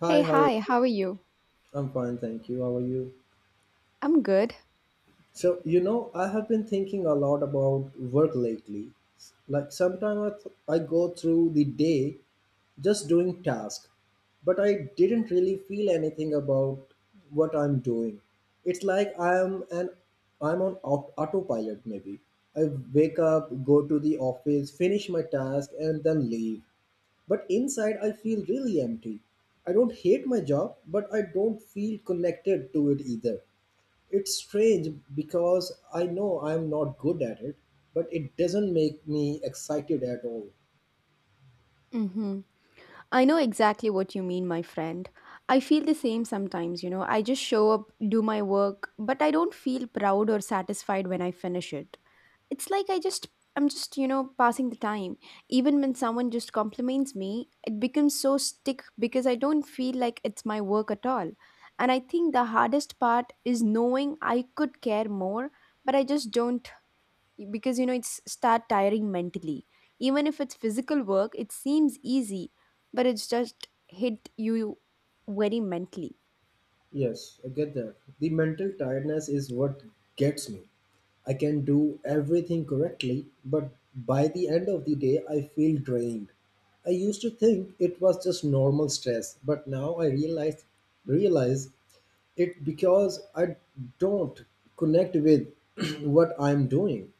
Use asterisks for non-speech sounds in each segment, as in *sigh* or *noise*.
Hi, Hey, how are hi, you? how are you? I'm fine, thank you. How are you? I'm good. I have been thinking a lot about work lately. Like sometimes I go through the day just doing tasks, but I didn't really feel anything about what I'm doing. It's like I am an I'm on autopilot maybe. I wake up, go to the office, finish my task and then leave. But inside I feel really empty. I don't hate my job, but I don't feel connected to it either. It's strange because I know I'm not good at it, but it doesn't make me excited at all. Mm-hmm. I know exactly what you mean, my friend. I feel the same sometimes, you know. I just show up, do my work, but I don't feel proud or satisfied when I finish it. It's like I'm just, passing the time. Even when someone just compliments me, it becomes so stick because I don't feel like it's my work at all. And I think the hardest part is knowing I could care more, but I just don't because you know it's start tiring mentally, even if it's physical work it seems easy, but it's just hit you very mentally. Yes, I get that. The mental tiredness is what gets me. I can do everything correctly, but by the end of the day, I feel drained. I used to think it was just normal stress, but now I realize it because I don't connect with *clears throat* what I'm doing.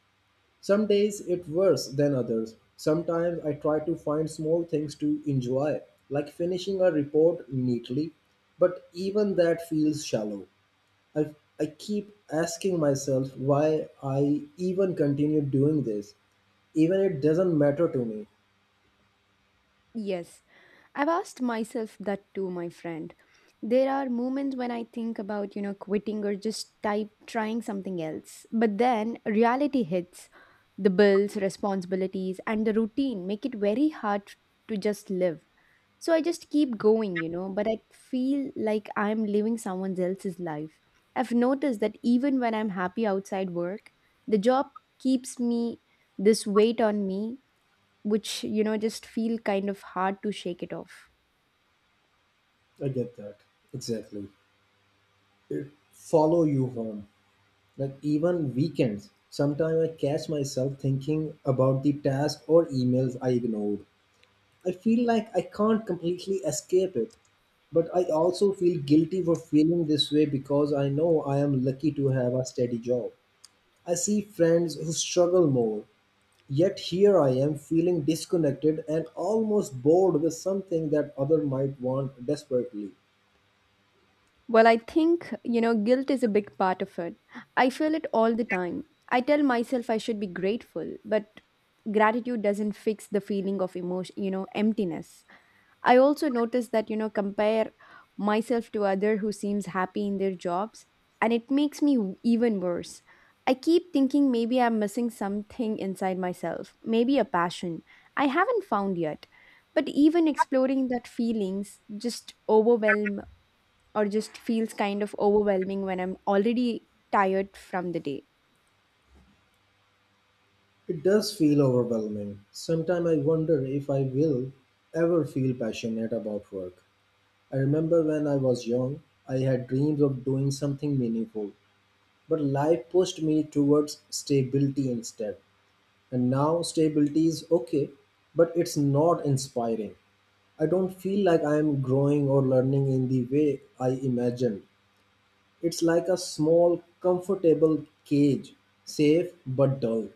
Some days it worse than others. Sometimes I try to find small things to enjoy, like finishing a report neatly, but even that feels shallow. I, I keep asking myself why I even continue doing this. Even it doesn't matter to me. Yes, I've asked myself that too, my friend. There are moments when I think about, quitting or just type trying something else. But then reality hits. The bills, responsibilities, and the routine make it very hard to just live. So I just keep going, but I feel like I'm living someone else's life. I've noticed that even when I'm happy outside work, the job keeps me this weight on me, which just feel kind of hard to shake it off. I get that. Exactly. Follow you home. Like even weekends. Sometimes I catch myself thinking about the task or emails I ignored. I feel like I can't completely escape it. But I also feel guilty for feeling this way because I know I am lucky to have a steady job. I see friends who struggle more. Yet here I am feeling disconnected and almost bored with something that other might want desperately. Well, I think, guilt is a big part of it. I feel it all the time. I tell myself I should be grateful, but gratitude doesn't fix the feeling of emptiness. I also notice that, compare myself to other who seems happy in their jobs, and it makes me even worse. I keep thinking maybe I'm missing something inside myself, maybe a passion I haven't found yet. But even exploring that feelings just overwhelm or just feels kind of overwhelming when I'm already tired from the day. It does feel overwhelming. Sometimes I wonder if I will ever feel passionate about work. I remember when I was young, I had dreams of doing something meaningful, but life pushed me towards stability instead. And now stability is okay, but it's not inspiring. I don't feel like I am growing or learning in the way I imagined. It's like a small, comfortable cage, safe but dull.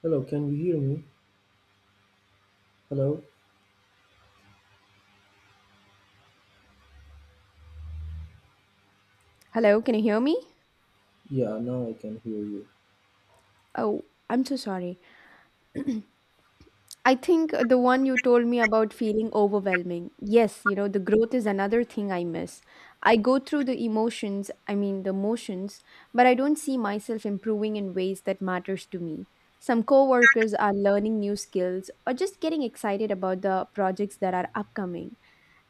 Hello, can you hear me? Hello? Hello, can you hear me? Yeah, now I can hear you. Oh, I'm so sorry. *clears throat* I think the one you told me about feeling overwhelming. Yes, you know, the growth is another thing I miss. I go through the the motions, but I don't see myself improving in ways that matters to me. Some coworkers are learning new skills or just getting excited about the projects that are upcoming,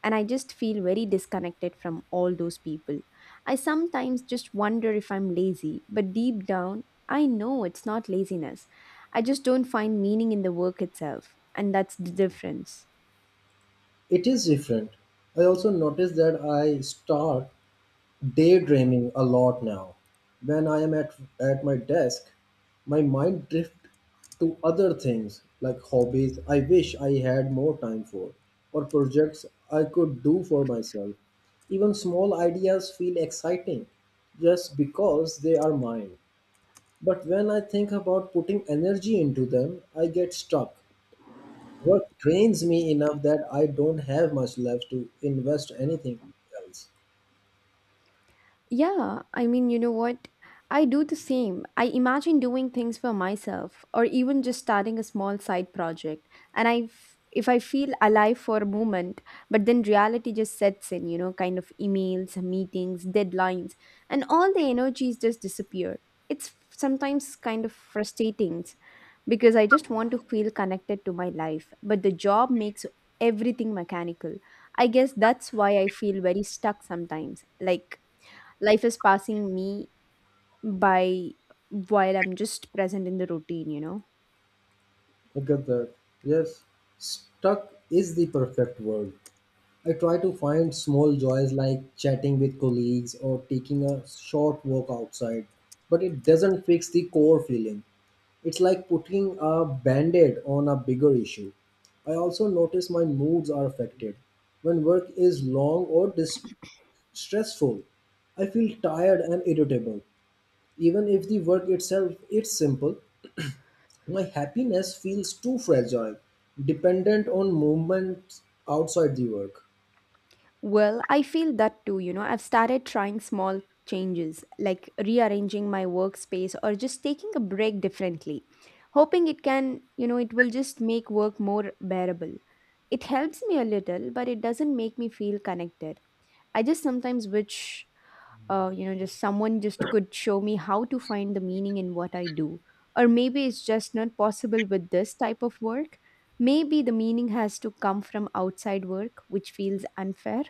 and I just feel very disconnected from all those people. I sometimes just wonder if I'm lazy, but deep down, I know it's not laziness. I just don't find meaning in the work itself, and that's the difference. It is different. I also noticed that I start daydreaming a lot now. When I am at my desk, my mind drifts to other things like hobbies I wish I had more time for, or projects I could do for myself. Even small ideas feel exciting just because they are mine. But when I think about putting energy into them, I get stuck. Work drains me enough that I don't have much left to invest anything else. Yeah, I mean, you know what? I do the same. I imagine doing things for myself or even just starting a small side project. And if I feel alive for a moment, but then reality just sets in, kind of emails, meetings, deadlines, and all the energies just disappear. It's sometimes kind of frustrating because I just want to feel connected to my life, but the job makes everything mechanical. I guess that's why I feel very stuck sometimes. Like life is passing me by while I'm just present in the routine, you know. I get that. Yes, stuck is the perfect word. I try to find small joys like chatting with colleagues or taking a short walk outside, but it doesn't fix the core feeling. It's like putting a band aid on a bigger issue. I also notice my moods are affected. When work is long or stressful, I feel tired and irritable, even if the work itself is simple. My happiness feels too fragile, dependent on movements outside the work. Well, I feel that too, you know. I've started trying small changes like rearranging my workspace or just taking a break differently, hoping it it will just make work more bearable. It helps me a little, but it doesn't make me feel connected. I just sometimes wish, just someone just could show me how to find the meaning in what I do, or maybe it's just not possible with this type of work. Maybe the meaning has to come from outside work, which feels unfair.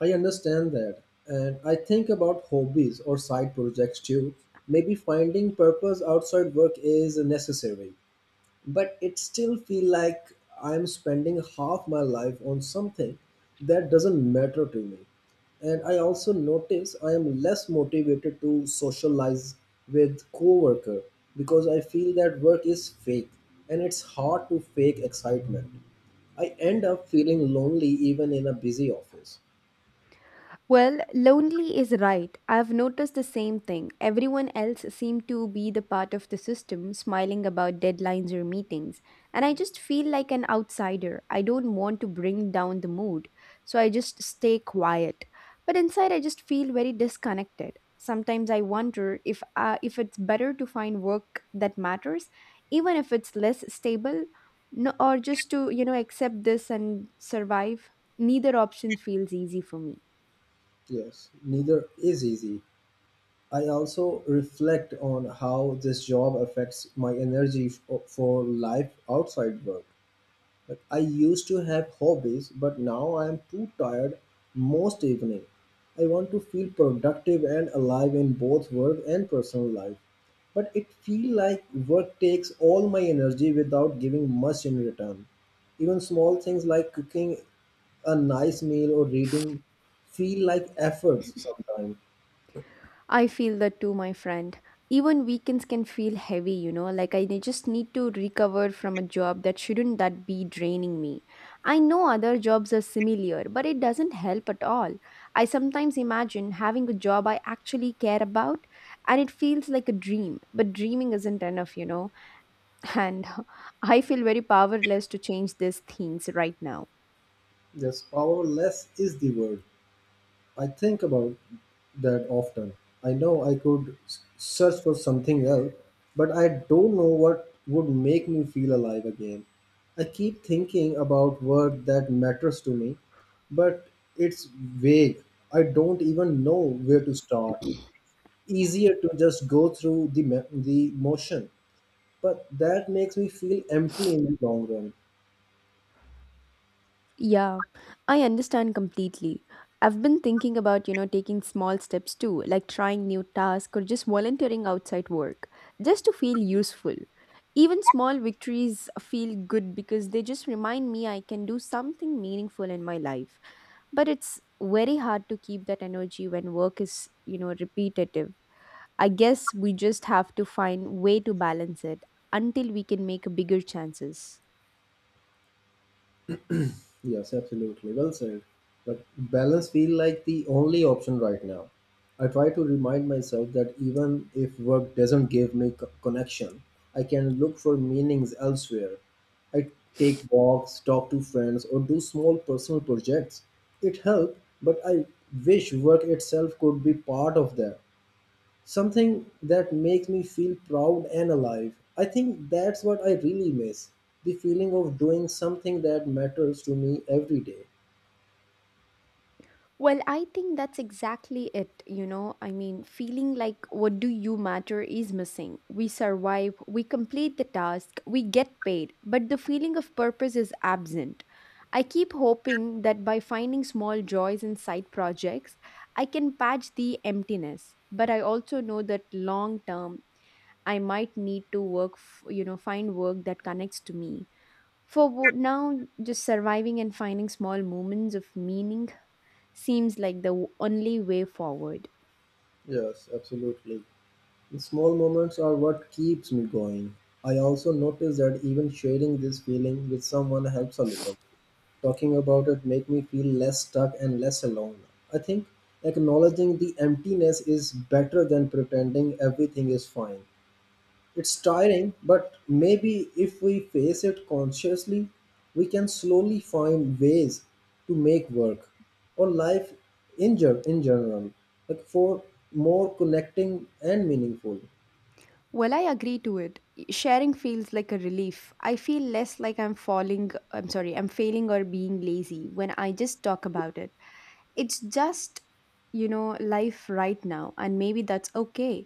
I understand that, and I think about hobbies or side projects too. Maybe finding purpose outside work is necessary, but it still feel like I'm spending half my life on something that doesn't matter to me. And I also notice I am less motivated to socialize with coworker because I feel that work is fake and it's hard to fake excitement. I end up feeling lonely even in a busy office. Well, lonely is right. I've noticed the same thing. Everyone else seemed to be the part of the system, smiling about deadlines or meetings. And I just feel like an outsider. I don't want to bring down the mood. So I just stay quiet. But inside, I just feel very disconnected. Sometimes I wonder if it's better to find work that matters, even if it's less stable, no, or just to, accept this and survive. Neither option feels easy for me. Yes, neither is easy. I also reflect on how this job affects my energy for life outside work. But I used to have hobbies, but now I am too tired most evening. I want to feel productive and alive in both work and personal life. But it feel like work takes all my energy without giving much in return. Even small things like cooking a nice meal or reading feel like efforts sometimes. I feel that too, my friend. Even weekends can feel heavy, you know, like I just need to recover from a job that shouldn't that be draining me. I know other jobs are similar, but it doesn't help at all. I sometimes imagine having a job I actually care about, and it feels like a dream, but dreaming isn't enough, you know. And *laughs* I feel very powerless to change these things right now. Just powerless is the word. I think about that often. I know I could search for something else, but I don't know what would make me feel alive again. I keep thinking about work that matters to me, but it's vague. I don't even know where to start. Easier to just go through the motion, but that makes me feel empty in the long run. Yeah, I understand completely. I've been thinking about, taking small steps too, like trying new tasks or just volunteering outside work, just to feel useful. Even small victories feel good because they just remind me I can do something meaningful in my life. But it's very hard to keep that energy when work is, repetitive. I guess we just have to find way to balance it until we can make bigger chances. Yes, absolutely. Well said. But balance feel like the only option right now. I try to remind myself that even if work doesn't give me connection, I can look for meanings elsewhere. I take walks, talk to friends, or do small personal projects. It helps, but I wish work itself could be part of that, something that makes me feel proud and alive. I think that's what I really miss, the feeling of doing something that matters to me every day. Well, I think that's exactly it. You know, I mean, feeling like what do you matter is missing. We survive, we complete the task, we get paid, but the feeling of purpose is absent. I keep hoping that by finding small joys in side projects, I can patch the emptiness. But I also know that long term, I might need to work, f- you know, find work that connects to me. For now, just surviving and finding small moments of meaning seems like the only way forward. Yes, absolutely. The small moments are what keeps me going. I also notice that even sharing this feeling with someone helps a little. Talking about it make me feel less stuck and less alone. I think acknowledging the emptiness is better than pretending everything is fine. It's tiring, but maybe if we face it consciously, we can slowly find ways to make work or life in in general, like for more connecting and meaningful. Well, I agree to it. Sharing feels like a relief. I feel less like I'm falling, I'm sorry, I'm failing or being lazy when I just talk about it. It's just, you know, life right now, and maybe that's okay.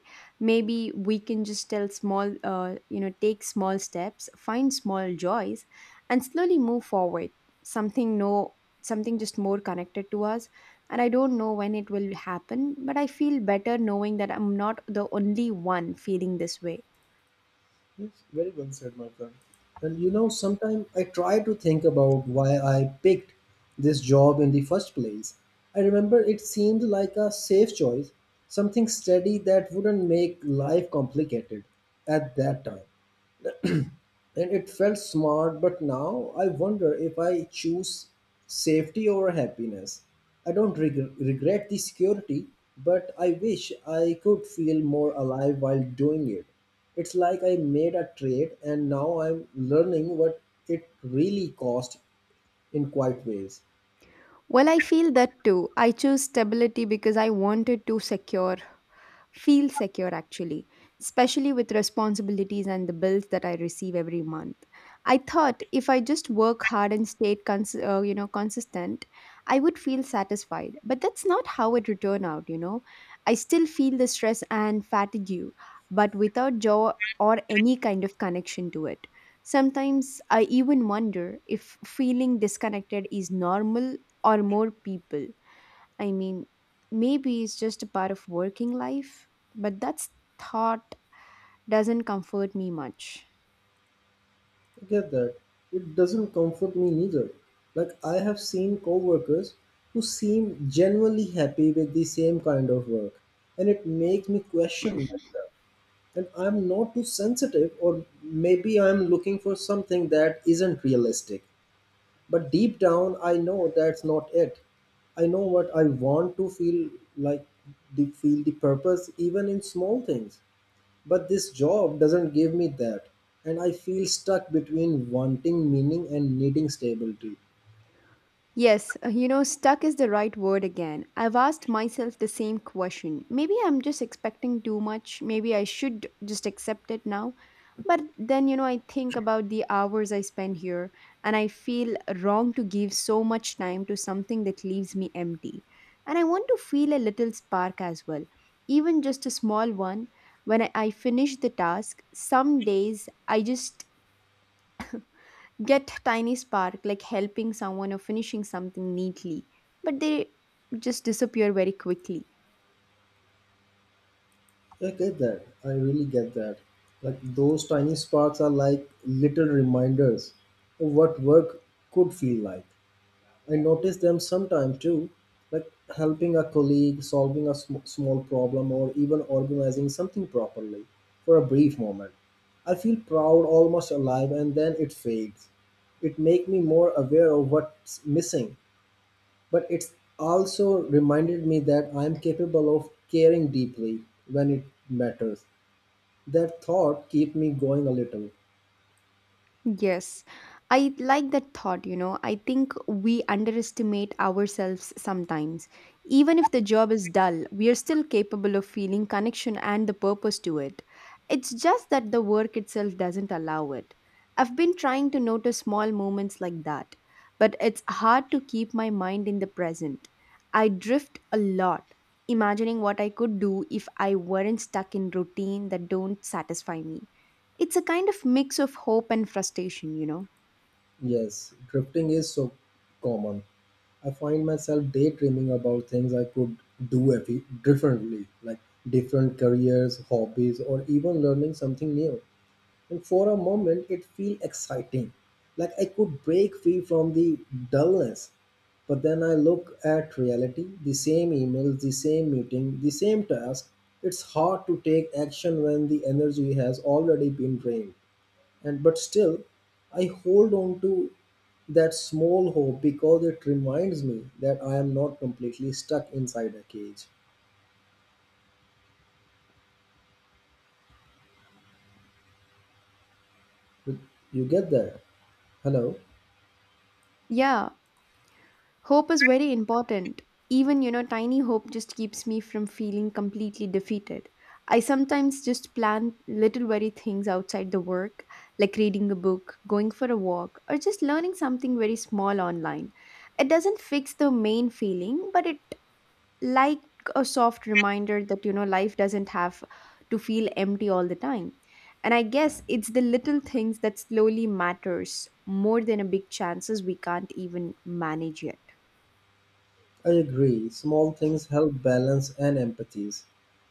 Maybe we can just tell small, take small steps, find small joys, and slowly move forward, something no something just more connected to us. And I don't know when it will happen, but I feel better knowing that I'm not the only one feeling this way. Yes, very well said, my friend. And sometimes I try to think about why I picked this job in the first place. I remember it seemed like a safe choice, something steady that wouldn't make life complicated at that time, and it felt smart. But now I wonder if I choose safety over happiness. I don't regret the security, but I wish I could feel more alive while doing it. It's like I made a trade and now I'm learning what it really cost in quiet ways. Well, I feel that too. I chose stability because I wanted to secure feel secure actually, especially with responsibilities and the bills that I receive every month. I thought if I just work hard and stayed consistent, I would feel satisfied. But that's not how it would turn out, you know. I still feel the stress and fatigue, but without joy or any kind of connection to it. Sometimes I even wonder if feeling disconnected is normal or more people. I mean, maybe it's just a part of working life, but that thought doesn't comfort me much. I get that. It doesn't comfort me neither. Like I have seen coworkers who seem genuinely happy with the same kind of work and it makes me question and I'm not too sensitive, or maybe I'm looking for something that isn't realistic. But deep down, I know that's not it. I know what I want to feel like, the, feel the purpose, even in small things. But this job doesn't give me that, and I feel stuck between wanting meaning and needing stability. Yes, stuck is the right word again. I've asked myself the same question. Maybe I'm just expecting too much. Maybe I should just accept it now. But then, I think about the hours I spend here, and I feel wrong to give so much time to something that leaves me empty. And I want to feel a little spark as well, even just a small one. When I finish the task, some days I just get tiny spark, like helping someone or finishing something neatly, but they just disappear very quickly. I get that. I really get that. Like those tiny sparks are like little reminders of what work could feel like. I notice them sometime too, like helping a colleague, solving a small problem, or even organizing something properly for a brief moment. I feel proud, almost alive, and then it fades. It make me more aware of what's missing, but it's also reminded me that I'm capable of caring deeply when it matters. That thought keep me going a little. Yes, I like that thought. You know, I think we underestimate ourselves sometimes. Even if the job is dull, we are still capable of feeling connection and the purpose to it. It's just that the work itself doesn't allow it. I've been trying to notice small moments like that, but it's hard to keep my mind in the present. I drift a lot, imagining what I could do if I weren't stuck in routine that don't satisfy me. It's a kind of mix of hope and frustration, you know. Yes, drifting is so common. I find myself daydreaming about things I could do differently, like different careers, hobbies, or even learning something new. And for a moment, it feels exciting, like I could break free from the dullness. But then I look at reality, the same emails, the same meeting, the same task. It's hard to take action when the energy has already been drained. And but still I hold on to that small hope because it reminds me that I am not completely stuck inside a cage. You get that? Hello? Yeah, hope is very important. Even, tiny hope just keeps me from feeling completely defeated. I sometimes just plan little very things outside the work, like reading a book, going for a walk, or just learning something very small online. It doesn't fix the main feeling, but it like a soft reminder that, life doesn't have to feel empty all the time. And I guess it's the little things that slowly matters more than a big chances we can't even manage yet. I agree, small things help balance and empathies.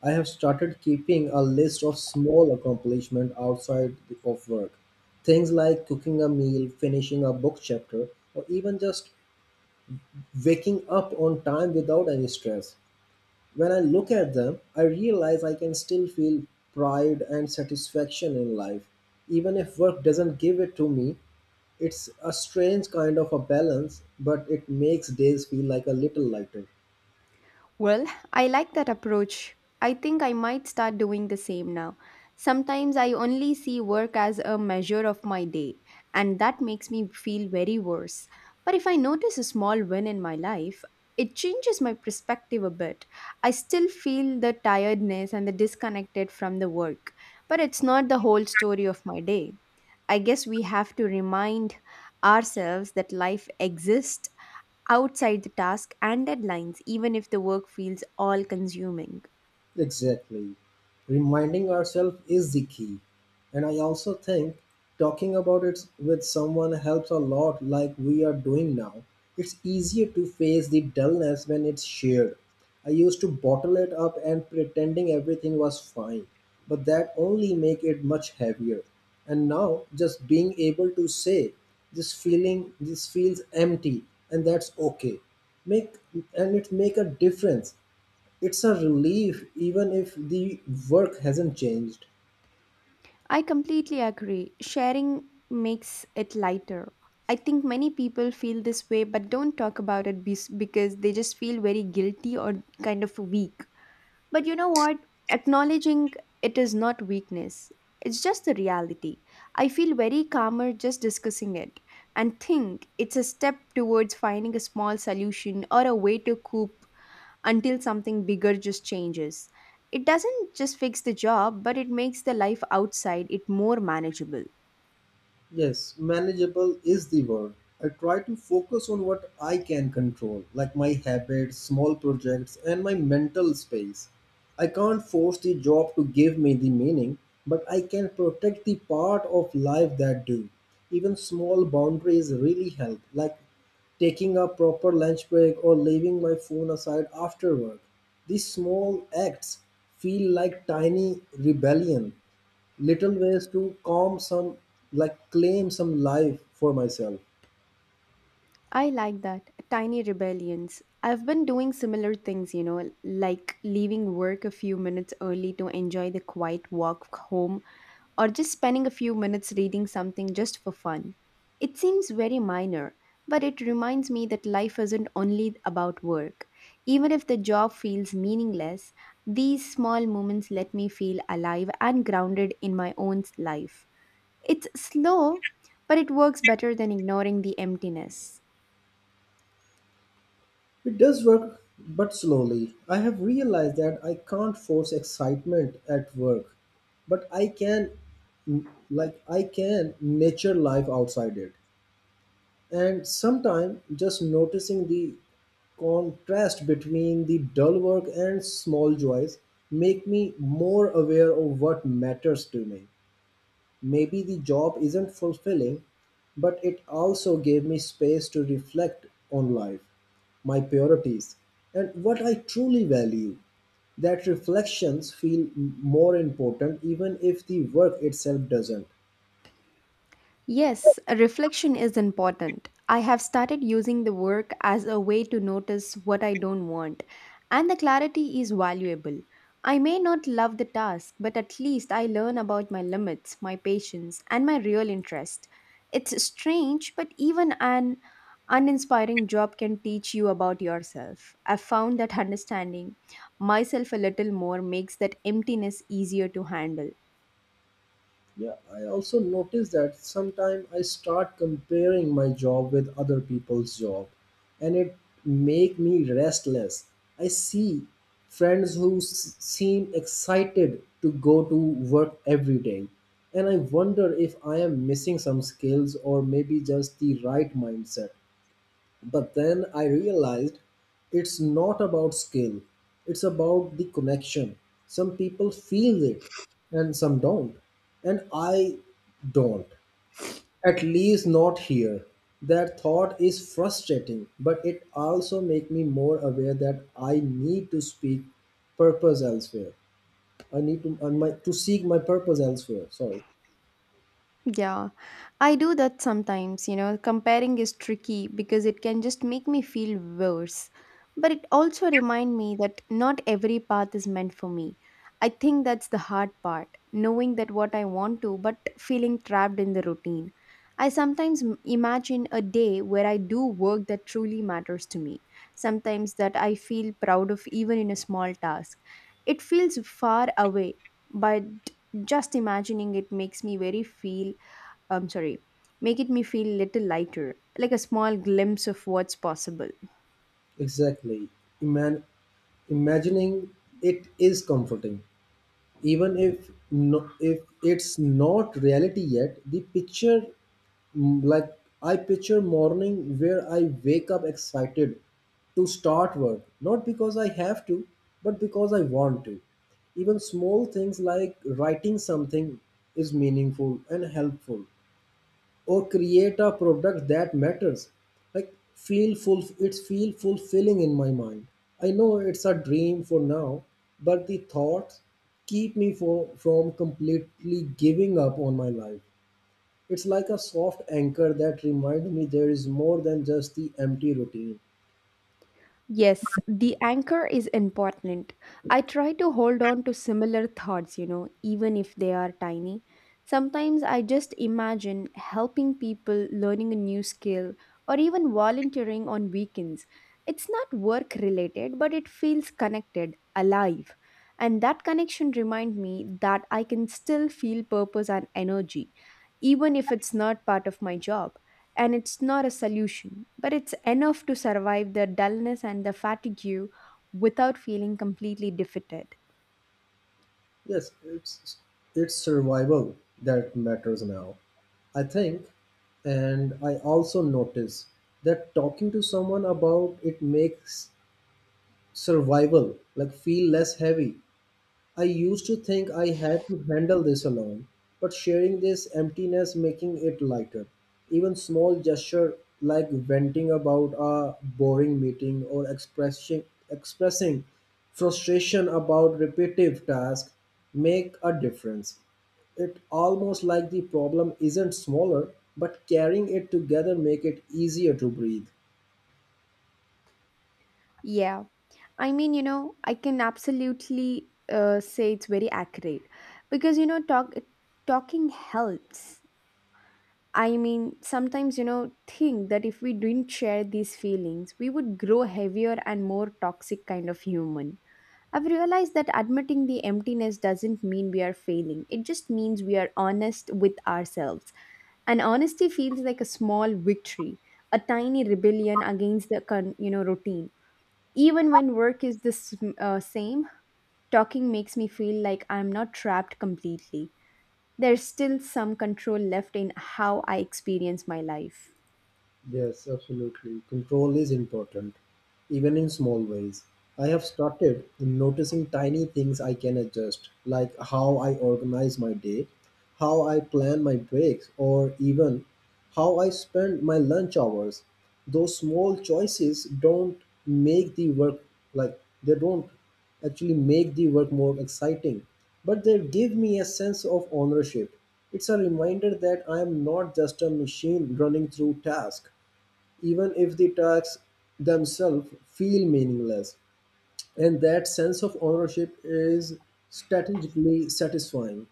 I have started keeping a list of small accomplishments outside of work, things like cooking a meal, finishing a book chapter, or even just waking up on time without any stress. When I look at them, I realize I can still feel pride and satisfaction in life. Even if work doesn't give it to me, it's a strange kind of a balance, but it makes days feel like a little lighter. Well, I like that approach. I think I might start doing the same now. Sometimes I only see work as a measure of my day, and that makes me feel very worse. But if I notice a small win in my life, it changes my perspective a bit. I still feel the tiredness and the disconnected from the work, but it's not the whole story of my day. I guess we have to remind ourselves that life exists outside the task and deadlines, even if the work feels all consuming. Exactly. Reminding ourselves is the key. And I also think talking about it with someone helps a lot, like we are doing now. It's easier to face the dullness when it's shared. I used to bottle it up and pretending everything was fine, but that only make it much heavier. And now just being able to say this feeling this feels empty and that's okay. Make And it make a difference. It's a relief even if the work hasn't changed. I completely agree. Sharing makes it lighter. I think many people feel this way but don't talk about it because they just feel very guilty or kind of weak. But you know what? Acknowledging it is not weakness, it's just the reality. I feel very calmer just discussing it and think it's a step towards finding a small solution or a way to cope until something bigger just changes. It doesn't just fix the job, but it makes the life outside it more manageable. Yes, manageable is the word. I try to focus on what I can control, like my habits, small projects, and my mental space. I can't force the job to give me the meaning, but I can protect the part of life that do. Even small boundaries really help, like taking a proper lunch break or leaving my phone aside after work. These small acts feel like tiny rebellion, little ways to calm some like claim some life for myself. I like that. Tiny rebellions. I've been doing similar things, you know, like leaving work a few minutes early to enjoy the quiet walk home or just spending a few minutes reading something just for fun. It seems very minor, but it reminds me that life isn't only about work. Even if the job feels meaningless, these small moments let me feel alive and grounded in my own life. It's slow, but it works better than ignoring the emptiness. It does work, but slowly I have realized that I can't force excitement at work, but I can nature life outside it. And sometimes just noticing the contrast between the dull work and small joys make me more aware of what matters to me. Maybe the job isn't fulfilling, but it also gave me space to reflect on life, my priorities, and what I truly value. That reflections feel more important even if the work itself doesn't. Yes, a reflection is important. I have started using the work as a way to notice what I don't want, and the clarity is valuable. I may not love the task, but at least I learn about my limits, my patience, and my real interest. It's strange, but even an uninspiring job can teach you about yourself. I've found that *laughs* understanding myself a little more makes that emptiness easier to handle. Yeah, I also notice that sometimes I start comparing my job with other people's job, and it make me restless. I see friends who seem excited to go to work every day, and I wonder if I am missing some skills or maybe just the right mindset. But then I realized it's not about skill, it's about the connection. Some people feel it and some don't. And I don't. At least not here. That thought is frustrating, but it also makes me more aware that I need to speak purpose elsewhere. I need to and my, to seek my purpose elsewhere. Sorry. Yeah, I do that sometimes, you know. Comparing is tricky because it can just make me feel worse. But it also reminds me that not every path is meant for me. I think that's the hard part, knowing that what I want to, but feeling trapped in the routine. I sometimes imagine a day where I do work that truly matters to me, sometimes that I feel proud of even in a small task. It feels far away, but just imagining it makes me very feel I'm sorry, make it me feel little lighter, like a small glimpse of what's possible. Exactly. Iman, imagining it is comforting, even if it's not reality yet the picture, mm, like I picture morning where I wake up excited to start work, not because I have to, but because I want to. Even small things like writing something is meaningful and helpful, or create a product that matters, like feel full it's feel fulfilling in my mind. I know it's a dream for now, but the thoughts keep me from completely giving up on my life. It's like a soft anchor that reminds me there is more than just the empty routine. Yes, the anchor is important. I try to hold on to similar thoughts, you know, even if they are tiny. Sometimes I just imagine helping people learning a new skill or even volunteering on weekends. It's not work related, but it feels connected, alive. And that connection reminds me that I can still feel purpose and energy, even if it's not part of my job and it's not a solution, but it's enough to survive the dullness and the fatigue without feeling completely defeated. Yes, it's survival that matters now, I think. And I also notice that talking to someone about it makes survival like feel less heavy. I used to think I had to handle this alone, but sharing this emptiness making it lighter. Even small gesture, like venting about a boring meeting or expressing frustration about repetitive tasks, make a difference. It almost like the problem isn't smaller, but carrying it together make it easier to breathe. Yeah, I mean, you know, I can absolutely say it's very accurate because you know, talking helps. I mean, sometimes you know, think that if we didn't share these feelings, we would grow heavier and more toxic kind of human. I've realized that admitting the emptiness doesn't mean we are failing. It just means we are honest with ourselves. And honesty feels like a small victory, a tiny rebellion against the you know routine. Even when work is the same, talking makes me feel like I'm not trapped completely. There's still some control left in how I experience my life. Yes, absolutely. Control is important, even in small ways. I have started noticing tiny things I can adjust, like how I organize my day, how I plan my breaks, or even how I spend my lunch hours. Those small choices don't make the work like they don't actually make the work more exciting, but they give me a sense of ownership. It's a reminder that I am not just a machine running through tasks, even if the tasks themselves feel meaningless. And that sense of ownership is strategically satisfying.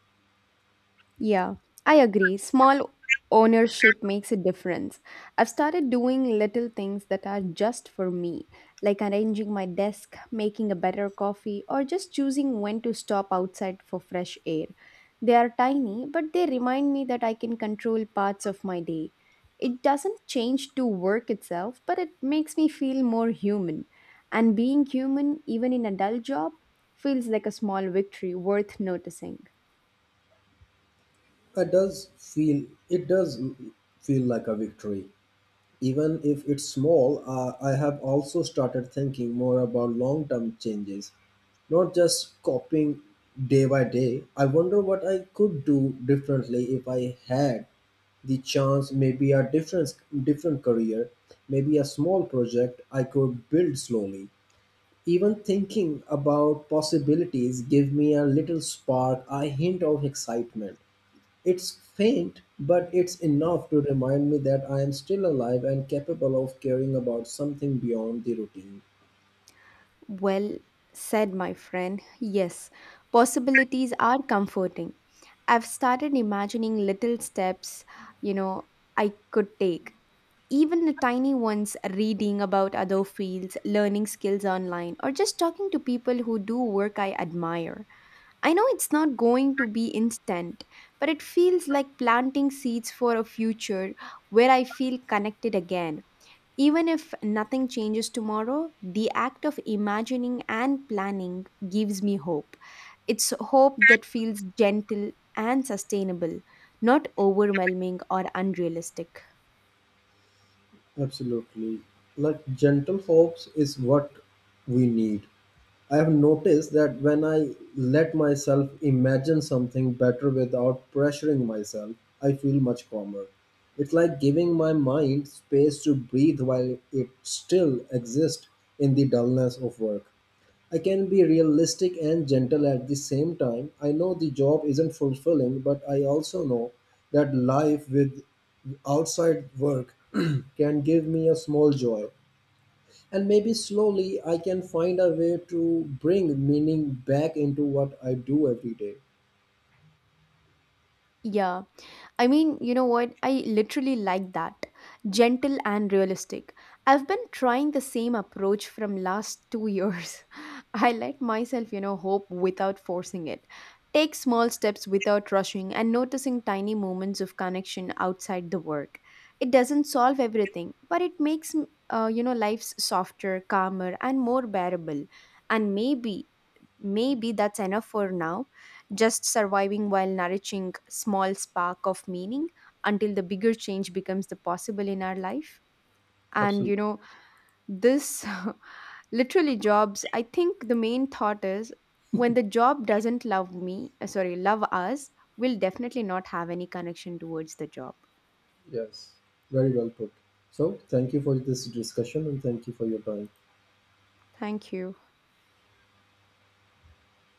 Yeah, I agree. Small ownership makes a difference. I've started doing little things that are just for me, like arranging my desk, making a better coffee, or just choosing when to stop outside for fresh air. They are tiny, but they remind me that I can control parts of my day. It doesn't change to work itself, but it makes me feel more human. And being human, even in a dull job, feels like a small victory worth noticing. It does feel like a victory. Even if it's small, I have also started thinking more about long term changes, not just copying day by day. I wonder what I could do differently if I had the chance. Maybe a different career, maybe a small project I could build slowly. Even thinking about possibilities give me a little spark, a hint of excitement. It's faint, but it's enough to remind me that I am still alive and capable of caring about something beyond the routine. Well said, my friend. Yes, possibilities are comforting. I've started imagining little steps, you know, I could take. Even the tiny ones, reading about other fields, learning skills online, or just talking to people who do work I admire. I know it's not going to be instant, but it feels like planting seeds for a future where I feel connected again. Even if nothing changes tomorrow, the act of imagining and planning gives me hope. It's hope that feels gentle and sustainable, not overwhelming or unrealistic. Absolutely. Like gentle hopes is what we need. I have noticed that when I let myself imagine something better without pressuring myself, I feel much calmer. It's like giving my mind space to breathe while it still exists in the dullness of work. I can be realistic and gentle at the same time. I know the job isn't fulfilling, but I also know that life with outside work *clears throat* can give me a small joy. And maybe slowly I can find a way to bring meaning back into what I do every day. Yeah. I mean, you know what? I literally like that. Gentle and realistic. I've been trying the same approach from last 2 years. *laughs* I let myself, you know, hope without forcing it. Take small steps without rushing and noticing tiny moments of connection outside the work. It doesn't solve everything, but it makes you know life's softer, calmer and more bearable. And maybe that's enough for now, just surviving while nourishing small spark of meaning until the bigger change becomes the possible in our life. And Absolutely. you know, this *laughs* literally jobs, I think the main thought is when the job doesn't love me, sorry, love us, we'll definitely not have any connection towards the job. Yes. Very well put. So, thank you for this discussion and thank you for your time. Thank you.